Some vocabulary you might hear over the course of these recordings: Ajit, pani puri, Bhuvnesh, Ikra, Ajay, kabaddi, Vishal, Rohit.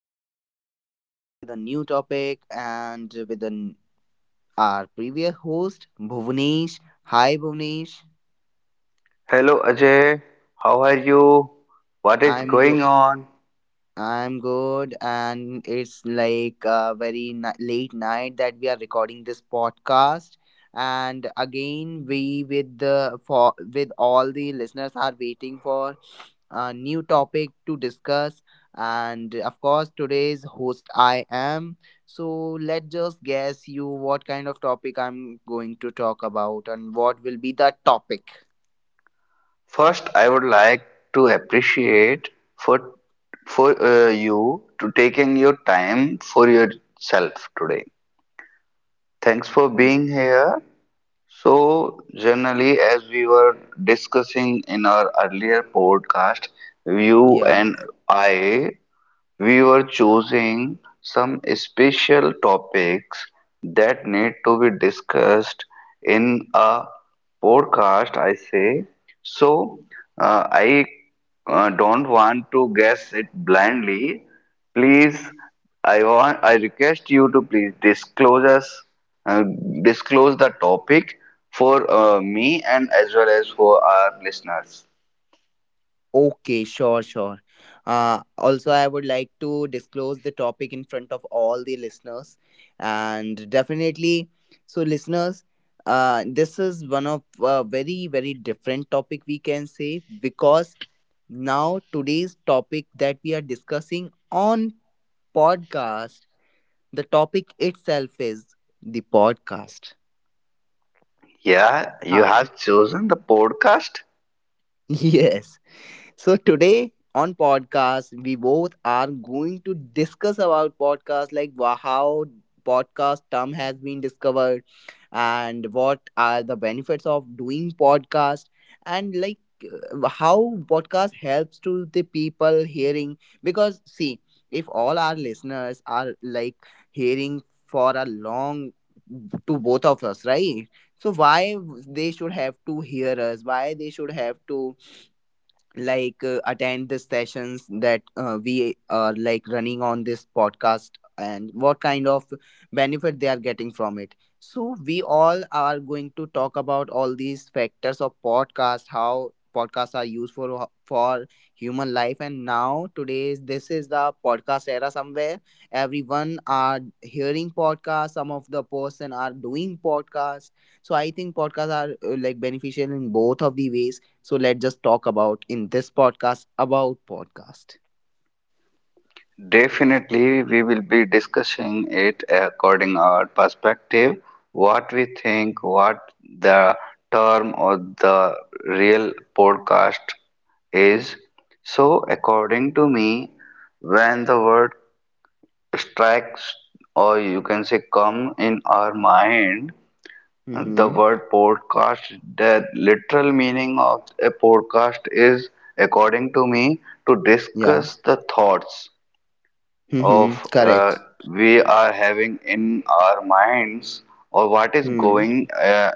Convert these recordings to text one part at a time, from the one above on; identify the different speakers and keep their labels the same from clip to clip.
Speaker 1: Once again, we back with a new topic and with an, our previous host, Bhuvnesh. Hi, Bhuvnesh.
Speaker 2: Hello Ajay, how are you? What is
Speaker 1: I'm go-
Speaker 2: going on?
Speaker 1: I'm good, and it's like a very late night that we are recording this podcast. And again, we with the for with all the listeners are waiting for a new topic to discuss. And of course, today's host I am. So let's just guess you what kind of topic I'm going to talk about and what will be the topic.
Speaker 2: First, I would like to appreciate for for you to taking your time for yourself today. Thanks for being here. So, generally, as we were discussing in our earlier podcast, you
Speaker 1: Yeah.
Speaker 2: and I. We were choosing some special topics that need to be discussed in a podcast, I say. So, I don't want to guess it blindly. Please, I request you to please disclose us, uh, disclose the topic for me and as well as for our listeners.
Speaker 1: Okay, sure, sure. Also, I would like to disclose the topic in front of all the listeners. And definitely, so listeners, this is one of a very, very different topic we can say because now, today's topic that we are discussing on podcast, the topic itself is the podcast.
Speaker 2: Yeah, you
Speaker 1: Ah.
Speaker 2: have chosen the podcast.
Speaker 1: Yes. So today on podcast, we both are going to discuss about podcast, like how podcast term has been discovered, and what are the benefits of doing podcast, and like how podcast helps to the people hearing. Because see, if all our listeners are like hearing for a long to both of us, right? So why they should have to hear us? Why they should have to like attend the sessions that we are like running on this podcast, and what kind of benefit they are getting from it, so we all are going to talk about all these factors of podcast, how podcasts are used for human life. And now today's this is the podcast era. Somewhere everyone are hearing podcasts, some of the person are doing podcasts. So I think podcasts are like beneficial in both of the ways. So let's just talk about in this podcast about podcast.
Speaker 2: Definitely, we will be discussing it according our perspective, what we think, what the term or the real podcast is. So, according to me, when the word strikes or you can say come in our mind, the
Speaker 1: Mm-hmm.
Speaker 2: word podcast, the literal meaning of a podcast is, according to me, to
Speaker 1: Yeah.
Speaker 2: discuss the thoughts
Speaker 1: Mm-hmm.
Speaker 2: of
Speaker 1: Correct.
Speaker 2: we are having in our minds or what is
Speaker 1: Mm-hmm.
Speaker 2: going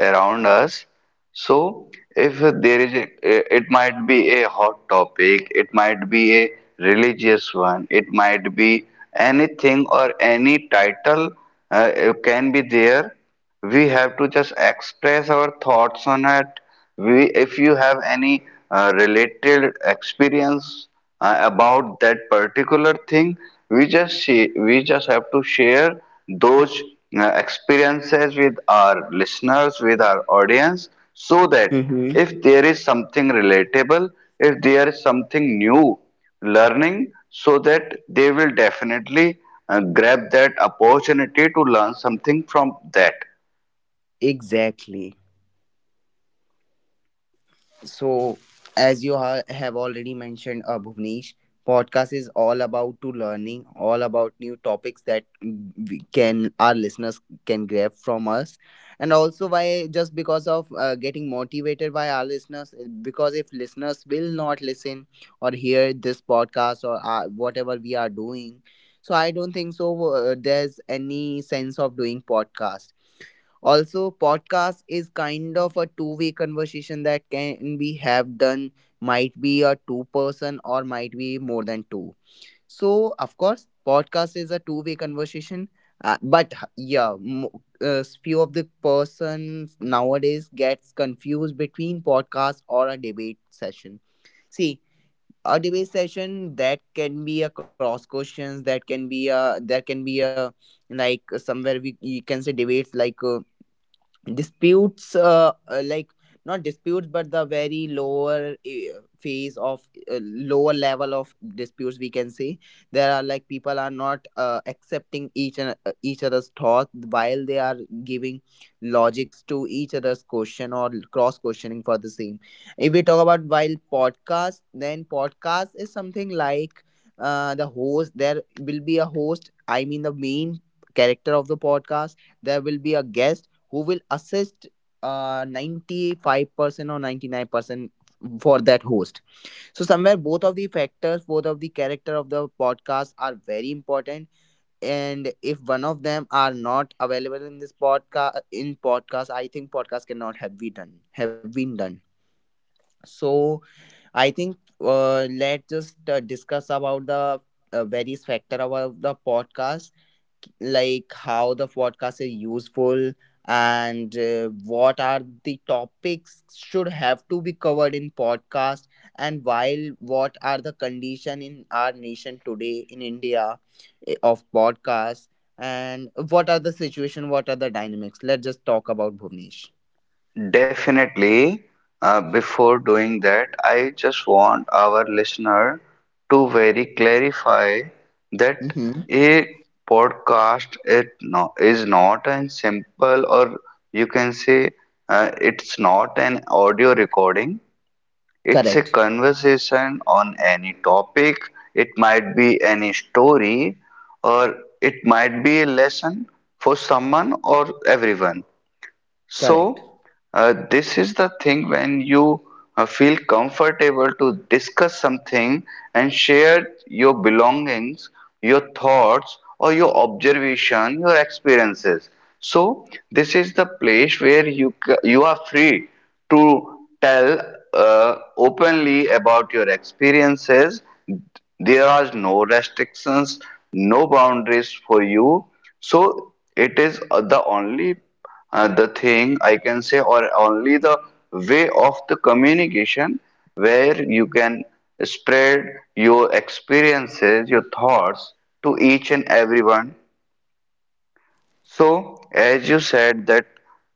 Speaker 2: around us. So, if there is a, it might be a hot topic, it might be a religious one, it might be anything or any title can be there. We have to just express our thoughts on it. We, if you have any related experience about that particular thing we just have to share those experiences with our listeners, with our audience, so that
Speaker 1: Mm-hmm.
Speaker 2: if there is something relatable, if there is something new learning, so that they will definitely grab that opportunity to learn something from that.
Speaker 1: Exactly. So, as you have already mentioned, Bhuvnesh, podcast is all about to learning, all about new topics that we can our listeners can grab from us, and also why just because of getting motivated by our listeners, because if listeners will not listen or hear this podcast or whatever we are doing, so I don't think so. There's any sense of doing podcast. Also, podcast is kind of a two-way conversation that can be have done, might be a two-person or might be more than two. So, of course, podcast is a two-way conversation. Yeah, few of the persons nowadays gets confused between podcast or a debate session. See, a debate session that can be a cross questions, that can be a like somewhere we you can say debates like. Disputes like not disputes but the very lower phase of lower level of disputes we can say. There are like people are not accepting each and each other's thought while they are giving logics to each other's question or cross questioning for the same. If we talk about while podcast, then podcast is something like there will be a host, I mean the main character of the podcast. There will be a guest who will assist 95% or 99% for that host. So, somewhere both of the factors, both of the character of the podcast are very important. And if one of them are not available in this podcast, in podcast, I think podcast cannot have been done. Have been done. So, I think let's just discuss about the various factor about the podcast, like how the podcast is useful, and what are the topics should have to be covered in podcast, and while what are the condition in our nation today in India, of podcast, and what are the situation, what are the dynamics. Let's just talk about, Bhuvnesh.
Speaker 2: Definitely, before doing that, I just want our listener to very clarify that
Speaker 1: Mm-hmm.
Speaker 2: a podcast it no, is not a simple or you can say it's not an audio recording. It's a
Speaker 1: Correct.
Speaker 2: conversation on any topic. It might be any story or it might be a lesson for someone or everyone.
Speaker 1: Correct.
Speaker 2: So, this is the thing when you feel comfortable to discuss something and share your belongings, your thoughts, or your observation, your experiences. So, this is the place where you are free to tell openly about your experiences. There are no restrictions, no boundaries for you. So, it is the only the thing I can say, or only the way of the communication where you can spread your experiences, your thoughts to each and everyone. So, as you said that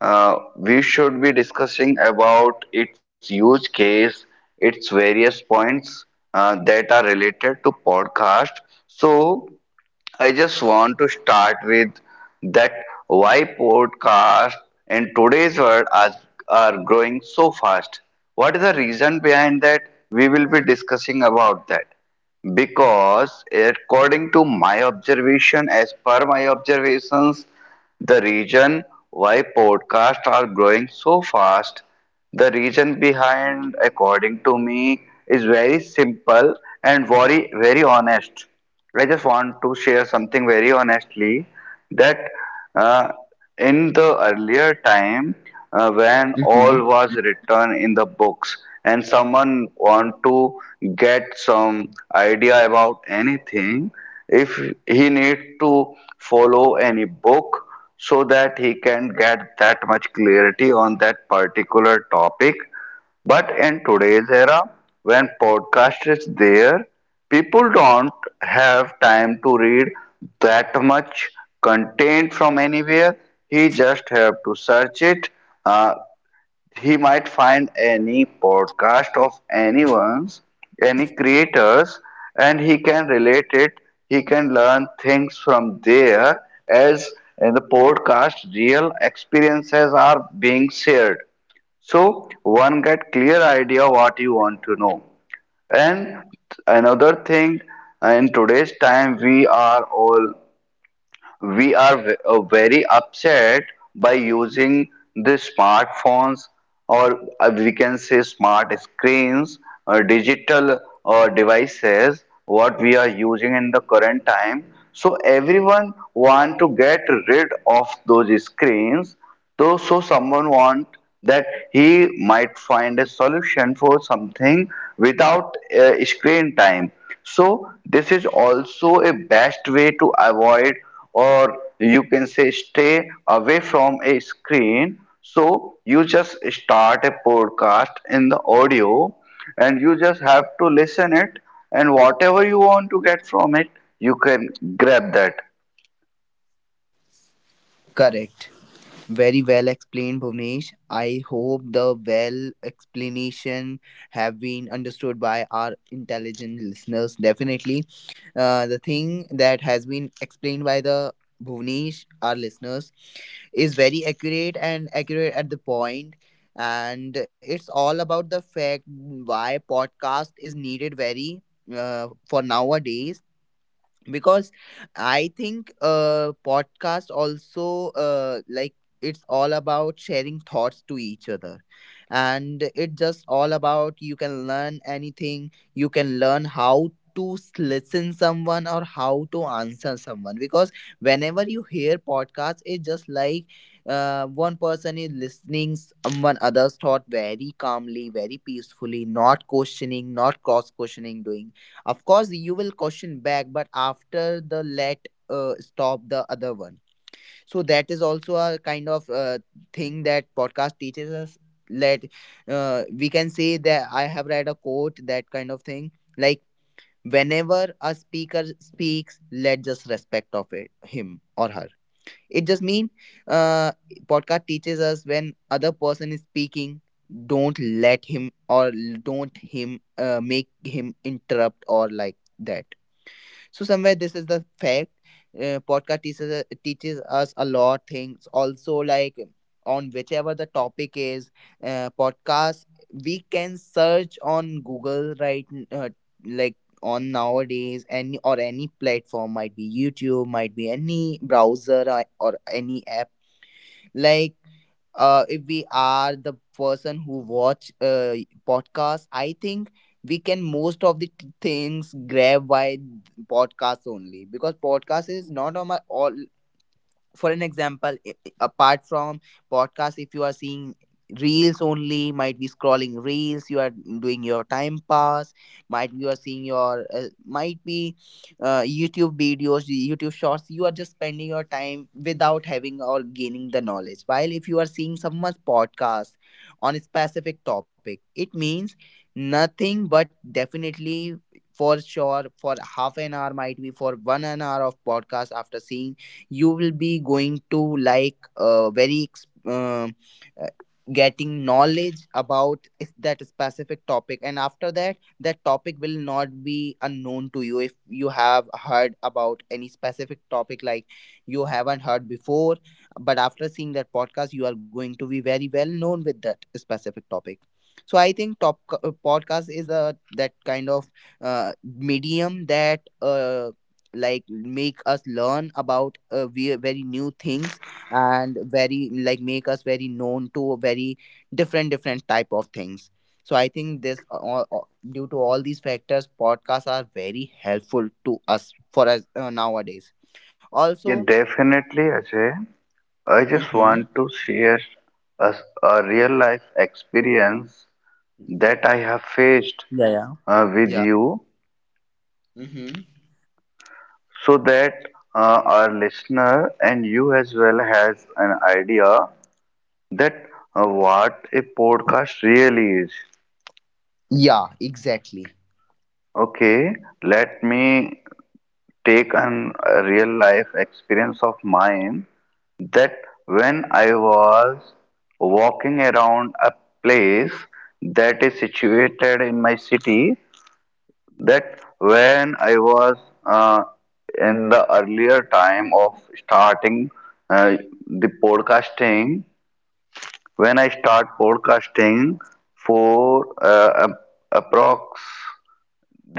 Speaker 2: we should be discussing about its use case, its various points that are related to podcast. So, I just want to start with that why podcasts in today's world are growing so fast. What is the reason behind that? We will be discussing about that. Because according to my observation, as per my observations, the reason why podcasts are growing so fast, the reason behind, according to me, is very simple and very, very honest. I just want to share something very honestly that. Uh, in the earlier time when all
Speaker 1: Mm-hmm.
Speaker 2: was written in the books and someone want to get some idea about anything, if he need to follow any book so that he can get that much clarity on that particular topic, but in today's era, when podcast is there, people don't have time to read that much content from anywhere. He just have to search it. Uh, he might find any podcast of anyone's, any creators, and he can relate it. He can learn things from there as in the podcast real experiences are being shared, so one get clear idea what you want to know. And another thing, in today's time we are all, we are very upset by using the smartphones or we can say smart screens or digital devices what we are using in the current time. So everyone want to get rid of those screens. So someone want that he might find a solution for something without screen time. So this is also a best way to avoid or you can say stay away from a screen. So you just start a podcast in the audio and you just have to listen it, and whatever you want to get from it you can grab that.
Speaker 1: Correct. Very well explained, Bhuvnesh. I hope the well explanation have been understood by our intelligent listeners. Definitely, the thing that has been explained by the Bhuvnesh, our listeners, is very accurate and accurate at the point. And it's all about the fact why podcast is needed very for nowadays. Because I think podcast also like it's all about sharing thoughts to each other, and it just all about, you can learn anything, you can learn how to listen someone or how to answer someone. Because whenever you hear podcasts, it's just like one person is listening someone other's thought very calmly, very peacefully, not questioning, not cross questioning doing. Of course, you will question back, but after the let stop the other one. So that is also a kind of thing that podcast teaches us. Let we can say that I have read a quote, that kind of thing like whenever a speaker speaks, let just respect of it, him or her. It just mean uh, podcast teaches us, when other person is speaking, don't let him, or don't him make him interrupt or like that. So somewhere this is the fact podcast teaches us a lot things also, like on whichever the topic is, podcast, we can search on Google, right like on nowadays any or any platform, might be YouTube, might be any browser, or any app, like if we are the person who watch podcasts, I think we can most of the things grab by podcasts only, because podcast is not on my all. For an example, apart from podcast, if you are seeing reels only, might be scrolling reels you are doing, your time pass, might be you are seeing your might be YouTube videos, YouTube shorts, you are just spending your time without having or gaining the knowledge. While if you are seeing someone's podcast on a specific topic, it means nothing but definitely for sure, for half an hour, might be for one an hour of podcast, after seeing you will be going to like uh, getting knowledge about that specific topic. And after that, that topic will not be unknown to you. If you have heard about any specific topic, like you haven't heard before, but after seeing that podcast, you are going to be very well known with that specific topic. So I think top podcast is the that kind of medium that like make us learn about very new things, and very like make us very known to very different different type of things. So I think this due to all these factors, podcasts are very helpful to us, for us nowadays also.
Speaker 2: Yeah, definitely Ajay. I just
Speaker 1: Mm-hmm.
Speaker 2: want to share a, a real life experience that I have faced
Speaker 1: Yeah, yeah,
Speaker 2: with
Speaker 1: yeah.
Speaker 2: you
Speaker 1: Mm-hmm.
Speaker 2: so that our listener and you as well has an idea that what a podcast really is.
Speaker 1: Yeah, exactly.
Speaker 2: Okay, let me take an a real life experience of mine, that when I was walking around a place that is situated in my city, that when I was uh, in the earlier time of starting uh, the podcasting, when I start podcasting for approx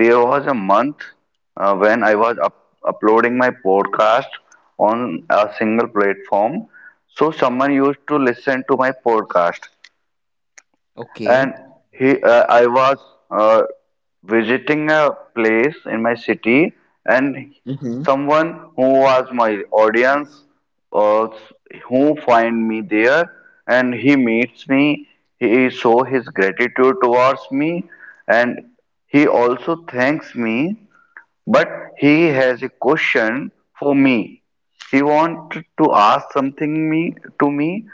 Speaker 2: there was a month when I was up uploading my podcast on a single platform. So someone used to listen to my podcast, and
Speaker 1: Okay.
Speaker 2: he I was uh, visiting a place in my city, and
Speaker 1: Mm-hmm.
Speaker 2: someone who was my audience, uh, who find me there, and he meets me, he show his gratitude towards me, and he also thanks me, but he has a question for me. He wanted to ask something me to me.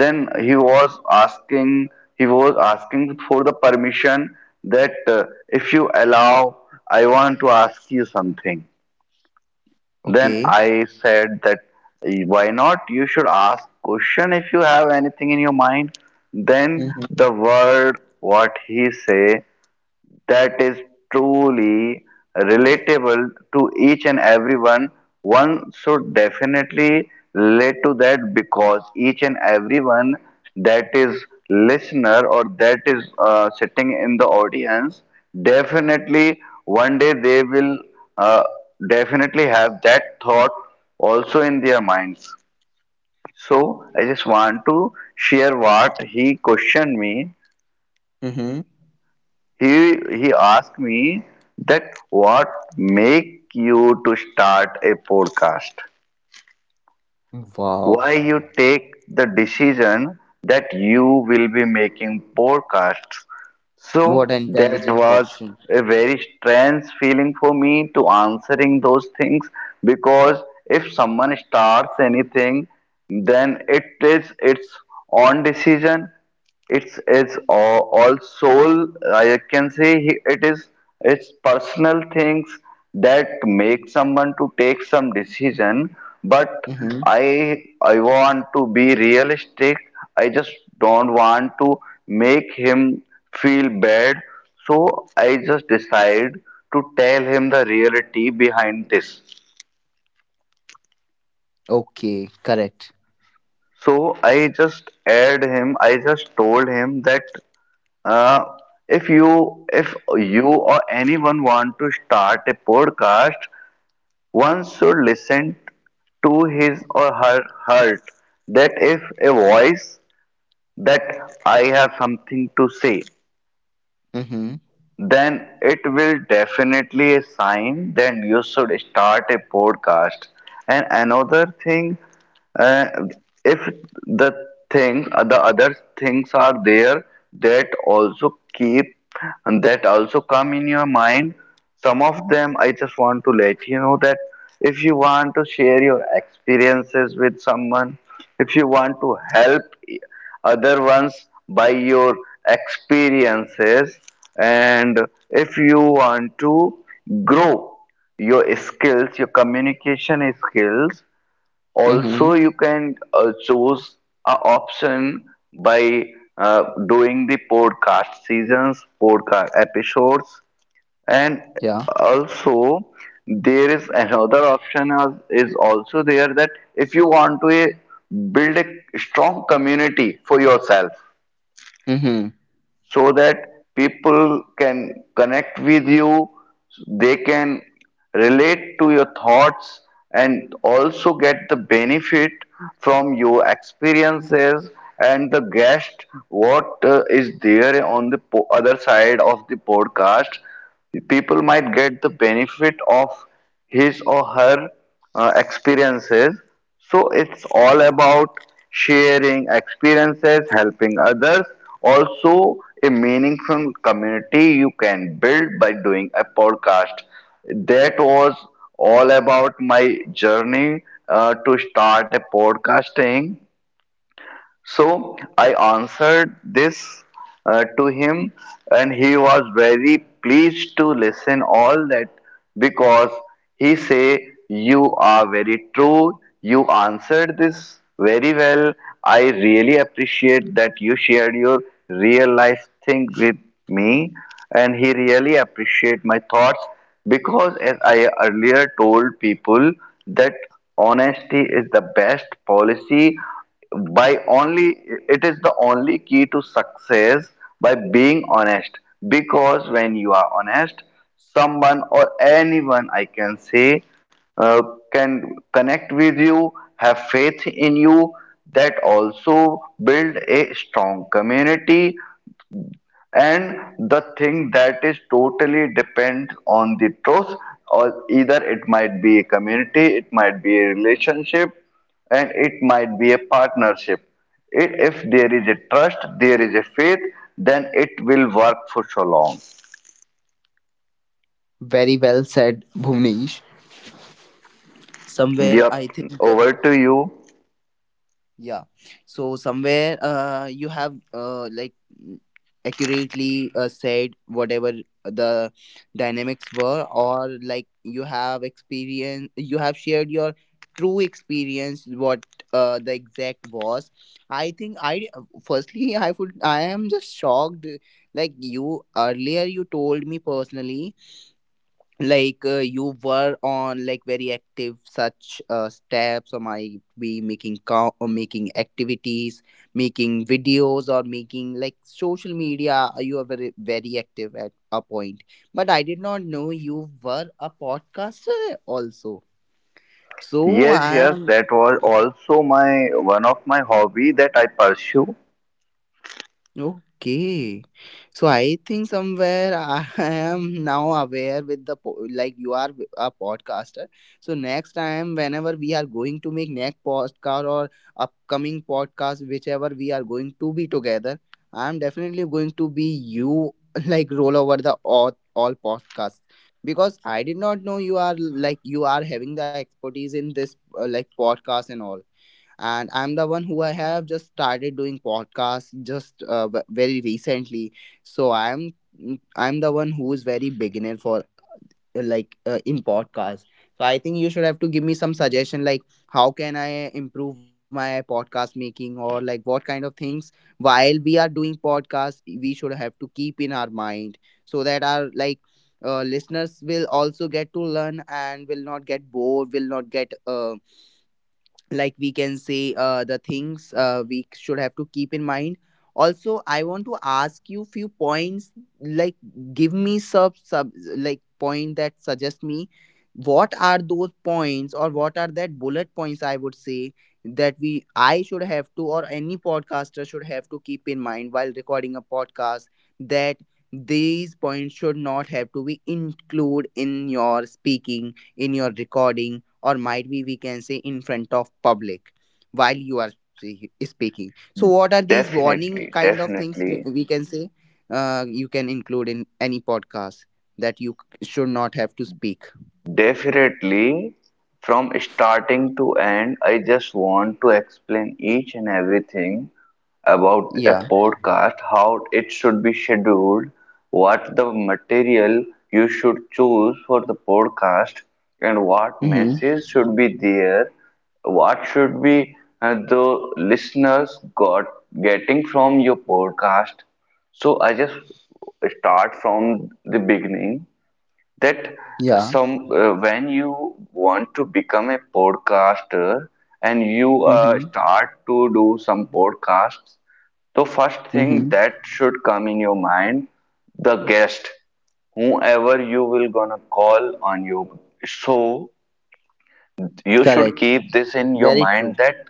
Speaker 2: Then he was asking. He was asking for the permission that if you allow, I want to ask you something. Then
Speaker 1: Okay.
Speaker 2: I said that, "Eh, why not? You should ask question if you have anything in your mind." Then
Speaker 1: Mm-hmm.
Speaker 2: the word what he say, that is truly relatable to each and everyone, one should definitely relate to that, because each and everyone that is listener or that is sitting in the audience, definitely one day they will uh, definitely have that thought also in their minds. So I just want to share what he questioned me.
Speaker 1: Mm-hmm.
Speaker 2: He asked me that what make you to start a podcast,
Speaker 1: Wow,
Speaker 2: why you take the decision that you will be making podcasts.
Speaker 1: what
Speaker 2: So
Speaker 1: an
Speaker 2: that
Speaker 1: intelligent
Speaker 2: was
Speaker 1: question.
Speaker 2: a very strange feeling for me to answering those things, because if someone starts anything, then it is its own decision. It's all soul. I can say it is it's personal things that make someone to take some decision. But
Speaker 1: Mm-hmm.
Speaker 2: I I want to be realistic. I just don't want to make him feel bad. So I just decide to tell him the reality behind this.
Speaker 1: Okay, correct.
Speaker 2: So I just told him that, Uh, if you or anyone want to start a podcast, one should listen to his or her heart. That is a voice that I have something to say,
Speaker 1: Mm-hmm.
Speaker 2: then it will definitely a sign, then you should start a podcast. And another thing, uh, if the the other things are there, that also keep, that also come in your mind, some of them, I just want to let you know that if you want to share your experiences with someone, if you want to help other ones by your experiences, and if you want to grow your skills, your communication skills,
Speaker 1: Mm-hmm.
Speaker 2: also you can choose a option by doing the podcast seasons, podcast episodes. And
Speaker 1: Yeah.
Speaker 2: also there is another option is also there, that if you want to eh, build a strong community for yourself
Speaker 1: Mm-hmm.
Speaker 2: so that people can connect with you, they can relate to your thoughts, and also get the benefit from your experiences. And the guest what is there on the other side of the podcast, people might get the benefit of his or her experiences. So it's all about sharing experiences, helping others, also a meaningful community you can build by doing a podcast. That was all about my journey to start a podcasting. So I answered this to him, and he was very pleased to listen all that, because he say, "You are very true. You answered this very well. I really appreciate that you shared your real life thing with me," and he really appreciate my thoughts. Because as I earlier told people that honesty is the best policy, by only it is the only key to success, by being honest. Because when you are honest, someone or anyone I can say uh, can connect with you, have faith in you, that also build a strong community. And the thing that is totally depends on the trust, or either it might be a community, it might be a relationship, and it might be a partnership. It, if there is a trust, there is a faith, then it will work for so long.
Speaker 1: Very well said, Bhuvnesh. Somewhere I
Speaker 2: Yep,
Speaker 1: think
Speaker 2: over to you.
Speaker 1: yeah. So somewhere uh, you have like accurately said whatever the dynamics were, or like you have experience, you have shared your true experience, what the exact was. I think i firstly I would I am just shocked, like you earlier you told me personally, like you were on like very active such steps, or might be making or making activities, making videos, or making like social media, you are very, very active at a point. But I did not know you were a podcaster also. So
Speaker 2: Yes,
Speaker 1: I
Speaker 2: yes,
Speaker 1: am.
Speaker 2: that was also my one of my hobby that I pursue.
Speaker 1: Okay. So I think somewhere I am now aware with the like you are a podcaster. So next time whenever we are going to make next podcast or upcoming podcast whichever we are going to be together, I am definitely going to be you like roll over the all podcasts because I did not know you are like you are having the expertise in this like podcast and all, and I'm the one who I have just started doing podcasts just very recently. So I'm the one who is very beginner for in podcast. So I think you should have to give me some suggestion like how can I improve my podcast making, or like what kind of things while we are doing podcast we should have to keep in our mind so that our like listeners will also get to learn and will not get bored, will not get like we can say the things we should have to keep in mind. Also I want to ask you few points, like give me sub sub like point that suggest me what are those points or what are that bullet points I would say that we I should have to, or any podcaster should have to keep in mind while recording a podcast, that these points should not have to be include in your speaking, in your recording, or might be we can say in front of public. While you are speaking, so what are these warning
Speaker 2: Definitely,
Speaker 1: kind of things
Speaker 2: definitely.
Speaker 1: we can say you can include in any podcast that you should not have to speak.
Speaker 2: Definitely, from starting to end, I just want to explain each and everything about a
Speaker 1: Yeah.
Speaker 2: podcast, how it should be scheduled, what the material you should choose for the podcast, and what
Speaker 1: Mm-hmm.
Speaker 2: message should be there, what should be the listeners got getting from your podcast. So I just start from the beginning that
Speaker 1: Yeah.
Speaker 2: some when you want to become a podcaster and you
Speaker 1: Mm-hmm.
Speaker 2: start to do some podcasts, the first
Speaker 1: Mm-hmm.
Speaker 2: thing that should come in your mind, the guest, whoever you will gonna call on your show, you should
Speaker 1: Correct.
Speaker 2: keep this in your
Speaker 1: Very true.
Speaker 2: mind that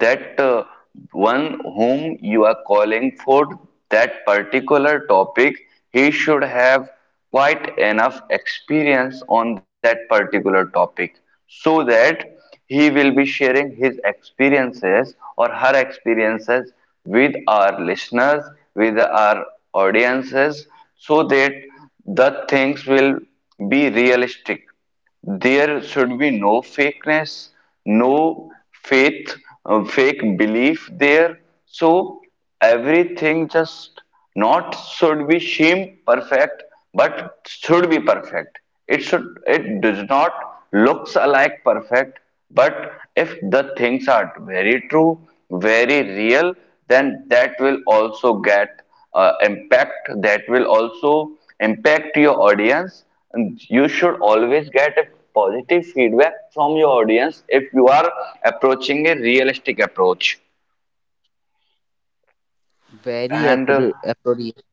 Speaker 2: that uh, one whom you are calling for that particular topic, he should have quite enough experience on that particular topic so that he will be sharing his experiences or her experiences with our listeners, with our audiences, so that the things will be realistic. There should be no fakeness, no faith, fake belief there. So everything just not should be seem perfect, but should be perfect. It does not looks alike perfect, but if the things are very true, very real, then that will also get impact. That will also impact your audience. You should always get a positive feedback from your audience if you are approaching a realistic approach
Speaker 1: Very
Speaker 2: and uh,
Speaker 1: appropriate.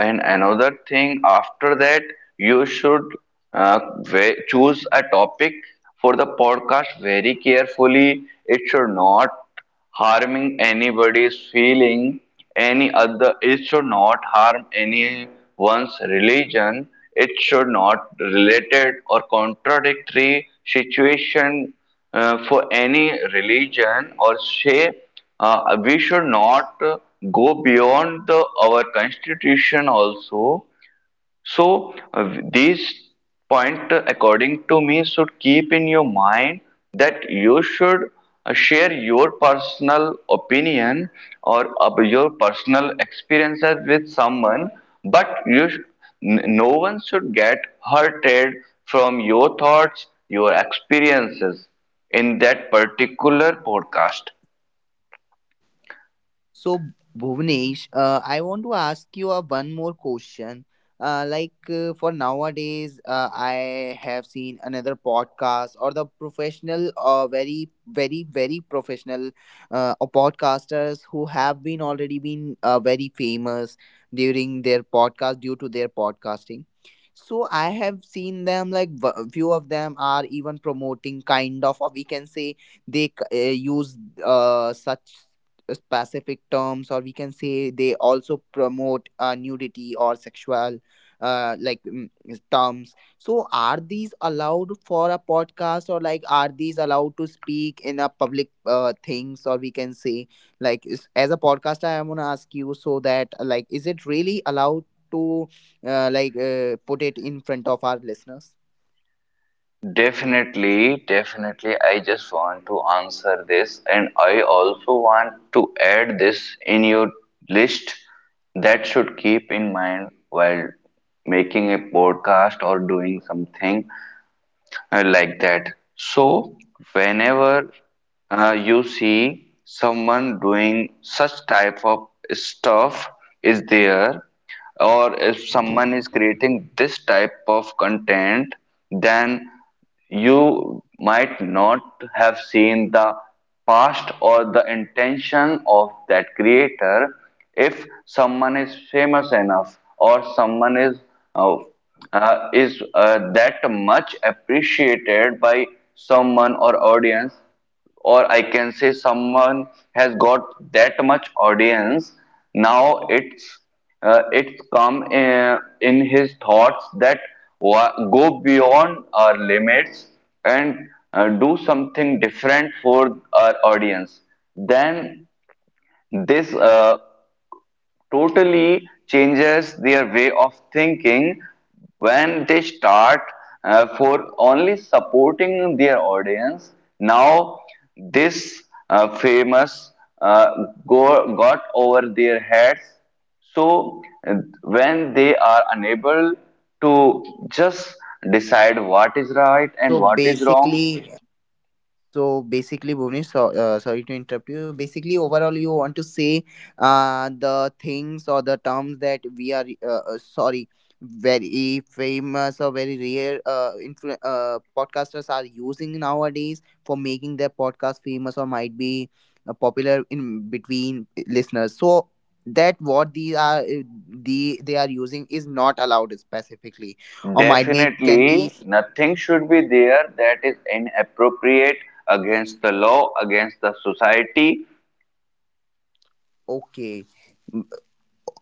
Speaker 2: And another thing, after that, you should choose a topic for the podcast very carefully. It should not harming anybody's feeling, any other. It should not harm anyone's religion. It should not related or contradictory situation for any religion, or say we should not go beyond the, our constitution also. So, this point, according to me, should keep in your mind that you should share your personal opinion or of your personal experiences with someone, but no one should get hurted from your thoughts, your experiences in that particular podcast.
Speaker 1: So, Bhuvnesh, I want to ask you one more question. For nowadays, I have seen another podcast or the professional, very, very, very professional podcasters who have been already been very famous during their podcast due to their podcasting. So I have seen them like few of them are even promoting kind of, or we can say they use such specific terms, or we can say they also promote nudity or sexual is terms. So are these allowed for a podcast, or like are these allowed to speak in a public things, or we can say like is, as a podcast I am going to ask you so that like is it really allowed to put it in front of our listeners?
Speaker 2: Definitely, definitely. I just want to answer this, and I also want to add this in your list that should keep in mind while making a podcast or doing something like that. So, whenever you see someone doing such type of stuff is there, or if someone is creating this type of content, then you might not have seen the past or the intention of that creator. If someone is famous enough, or someone is uh, that much appreciated by someone or audience, or I can say someone has got that much audience. Now it's come in his thoughts that go beyond our limits and do something different for our audience. Then this totally changes their way of thinking when they start for only supporting their audience. Now, this famous uh, go, got over their heads. So, when they are unable to just decide what is right and
Speaker 1: so
Speaker 2: what is wrong,
Speaker 1: basically So basically, Bhuvnesh, sorry to interrupt you. Basically, overall, you want to say the things or the terms that we are sorry, very famous or very rare podcasters are using nowadays for making their podcast famous, or might be popular in between listeners. So that what these are they are using is not allowed specifically, or might be can be.
Speaker 2: definitely, nothing should be there that is inappropriate, against the law, against the society.
Speaker 1: Okay.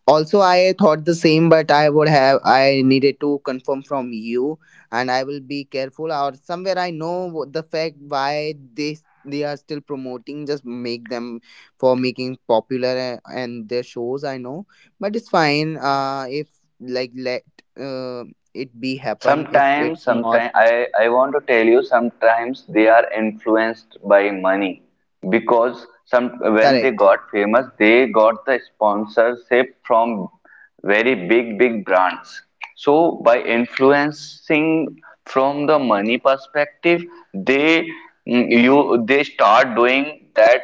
Speaker 1: Also, I thought the same, but I would have I needed to confirm from you, and I will be careful. Or somewhere I know what the fact why they they are still promoting. Just make them for making popular and their shows. I know, but it's fine. If like let uh, it be happen. If
Speaker 2: Sometimes,
Speaker 1: it's not
Speaker 2: sometimes I want to tell you sometimes they are influenced by money because some when they
Speaker 1: correct.
Speaker 2: got famous they got the sponsorship from very big brands. So by influencing from the money perspective they mm, you they start doing that.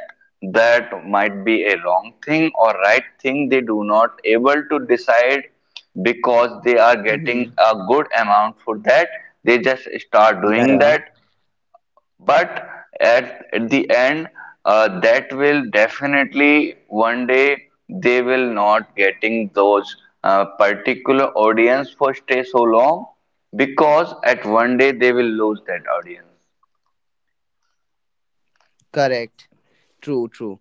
Speaker 2: That might be a wrong thing or right thing, they do not able to decide because they are
Speaker 1: Hmm.
Speaker 2: getting a good amount for that. They just start
Speaker 1: Yeah,
Speaker 2: doing
Speaker 1: yeah.
Speaker 2: that, but at the end that will definitely one day they will not getting those particular audience for stay so long, because at one day they will lose that audience.
Speaker 1: Correct. True. True.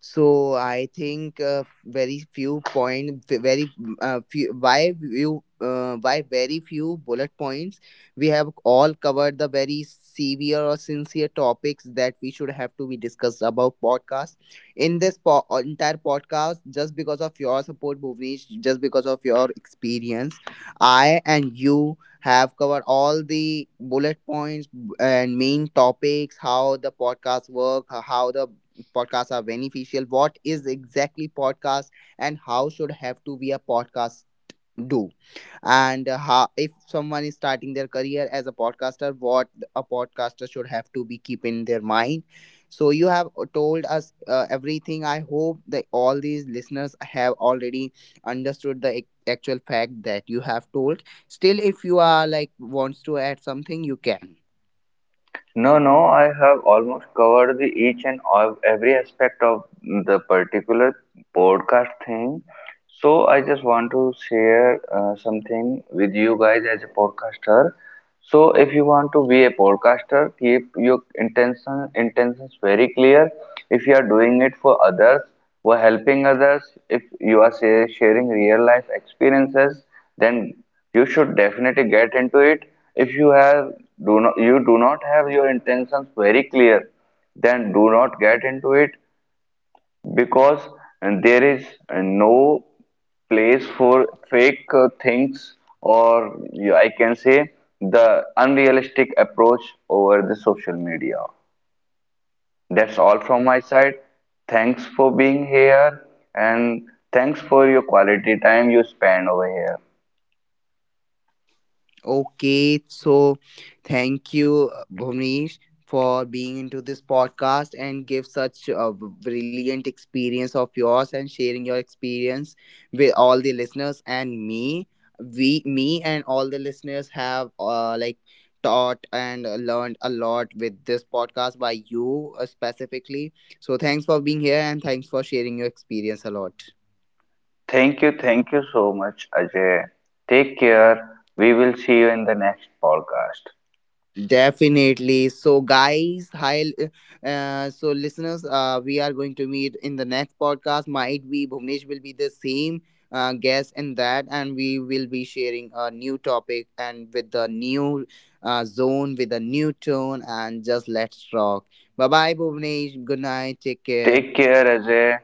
Speaker 1: So I think very few point, very mm, few, why you why very few bullet points. We have all covered the very severe or sincere topics that we should have to be discussed about podcast. In this entire podcast, just because of your support, Bhuvnesh, just because of your experience, I and you have covered all the bullet points and main topics, how the podcast work, how the podcasts are beneficial, what is exactly podcast, and how should have to be a podcast do, and how if someone is starting their career as a podcaster, what a podcaster should have to be keep in their mind. So you have told us everything. I hope that all these listeners have already understood the actual fact that you have told. Still if you are like wants to add something you can.
Speaker 2: No, no, I have almost covered the each and all, every aspect of the particular podcast thing. So I just want to share something with you guys as a podcaster. So if you want to be a podcaster, keep your intentions very clear. If you are doing it for others, were helping others. If you are sharing real life experiences, then you should definitely get into it. If you have do not have your intentions very clear, then do not get into it because there is no place for fake things, or yeah, I can say the unrealistic approach over the social media. That's all from my side. Thanks for being here, and thanks for your quality time you spend over here.
Speaker 1: Okay, so thank you, Bhuvnesh, for being into this podcast and give such a brilliant experience of yours and sharing your experience with all the listeners and me. We, me, and all the listeners have like taught and learned a lot with this podcast by you specifically. So thanks for being here and thanks for sharing your experience a lot.
Speaker 2: Thank you so much, Ajay. Take care. We will see you in the next podcast.
Speaker 1: Definitely. So, guys, hi. So, listeners, we are going to meet in the next podcast. Might be Bhuvnesh will be the same guest in that, and we will be sharing a new topic and with the new zone, with a new tone, and just let's rock. Bye bye, Bhuvnesh. Good night. Take
Speaker 2: Take
Speaker 1: care.
Speaker 2: care, Ajay.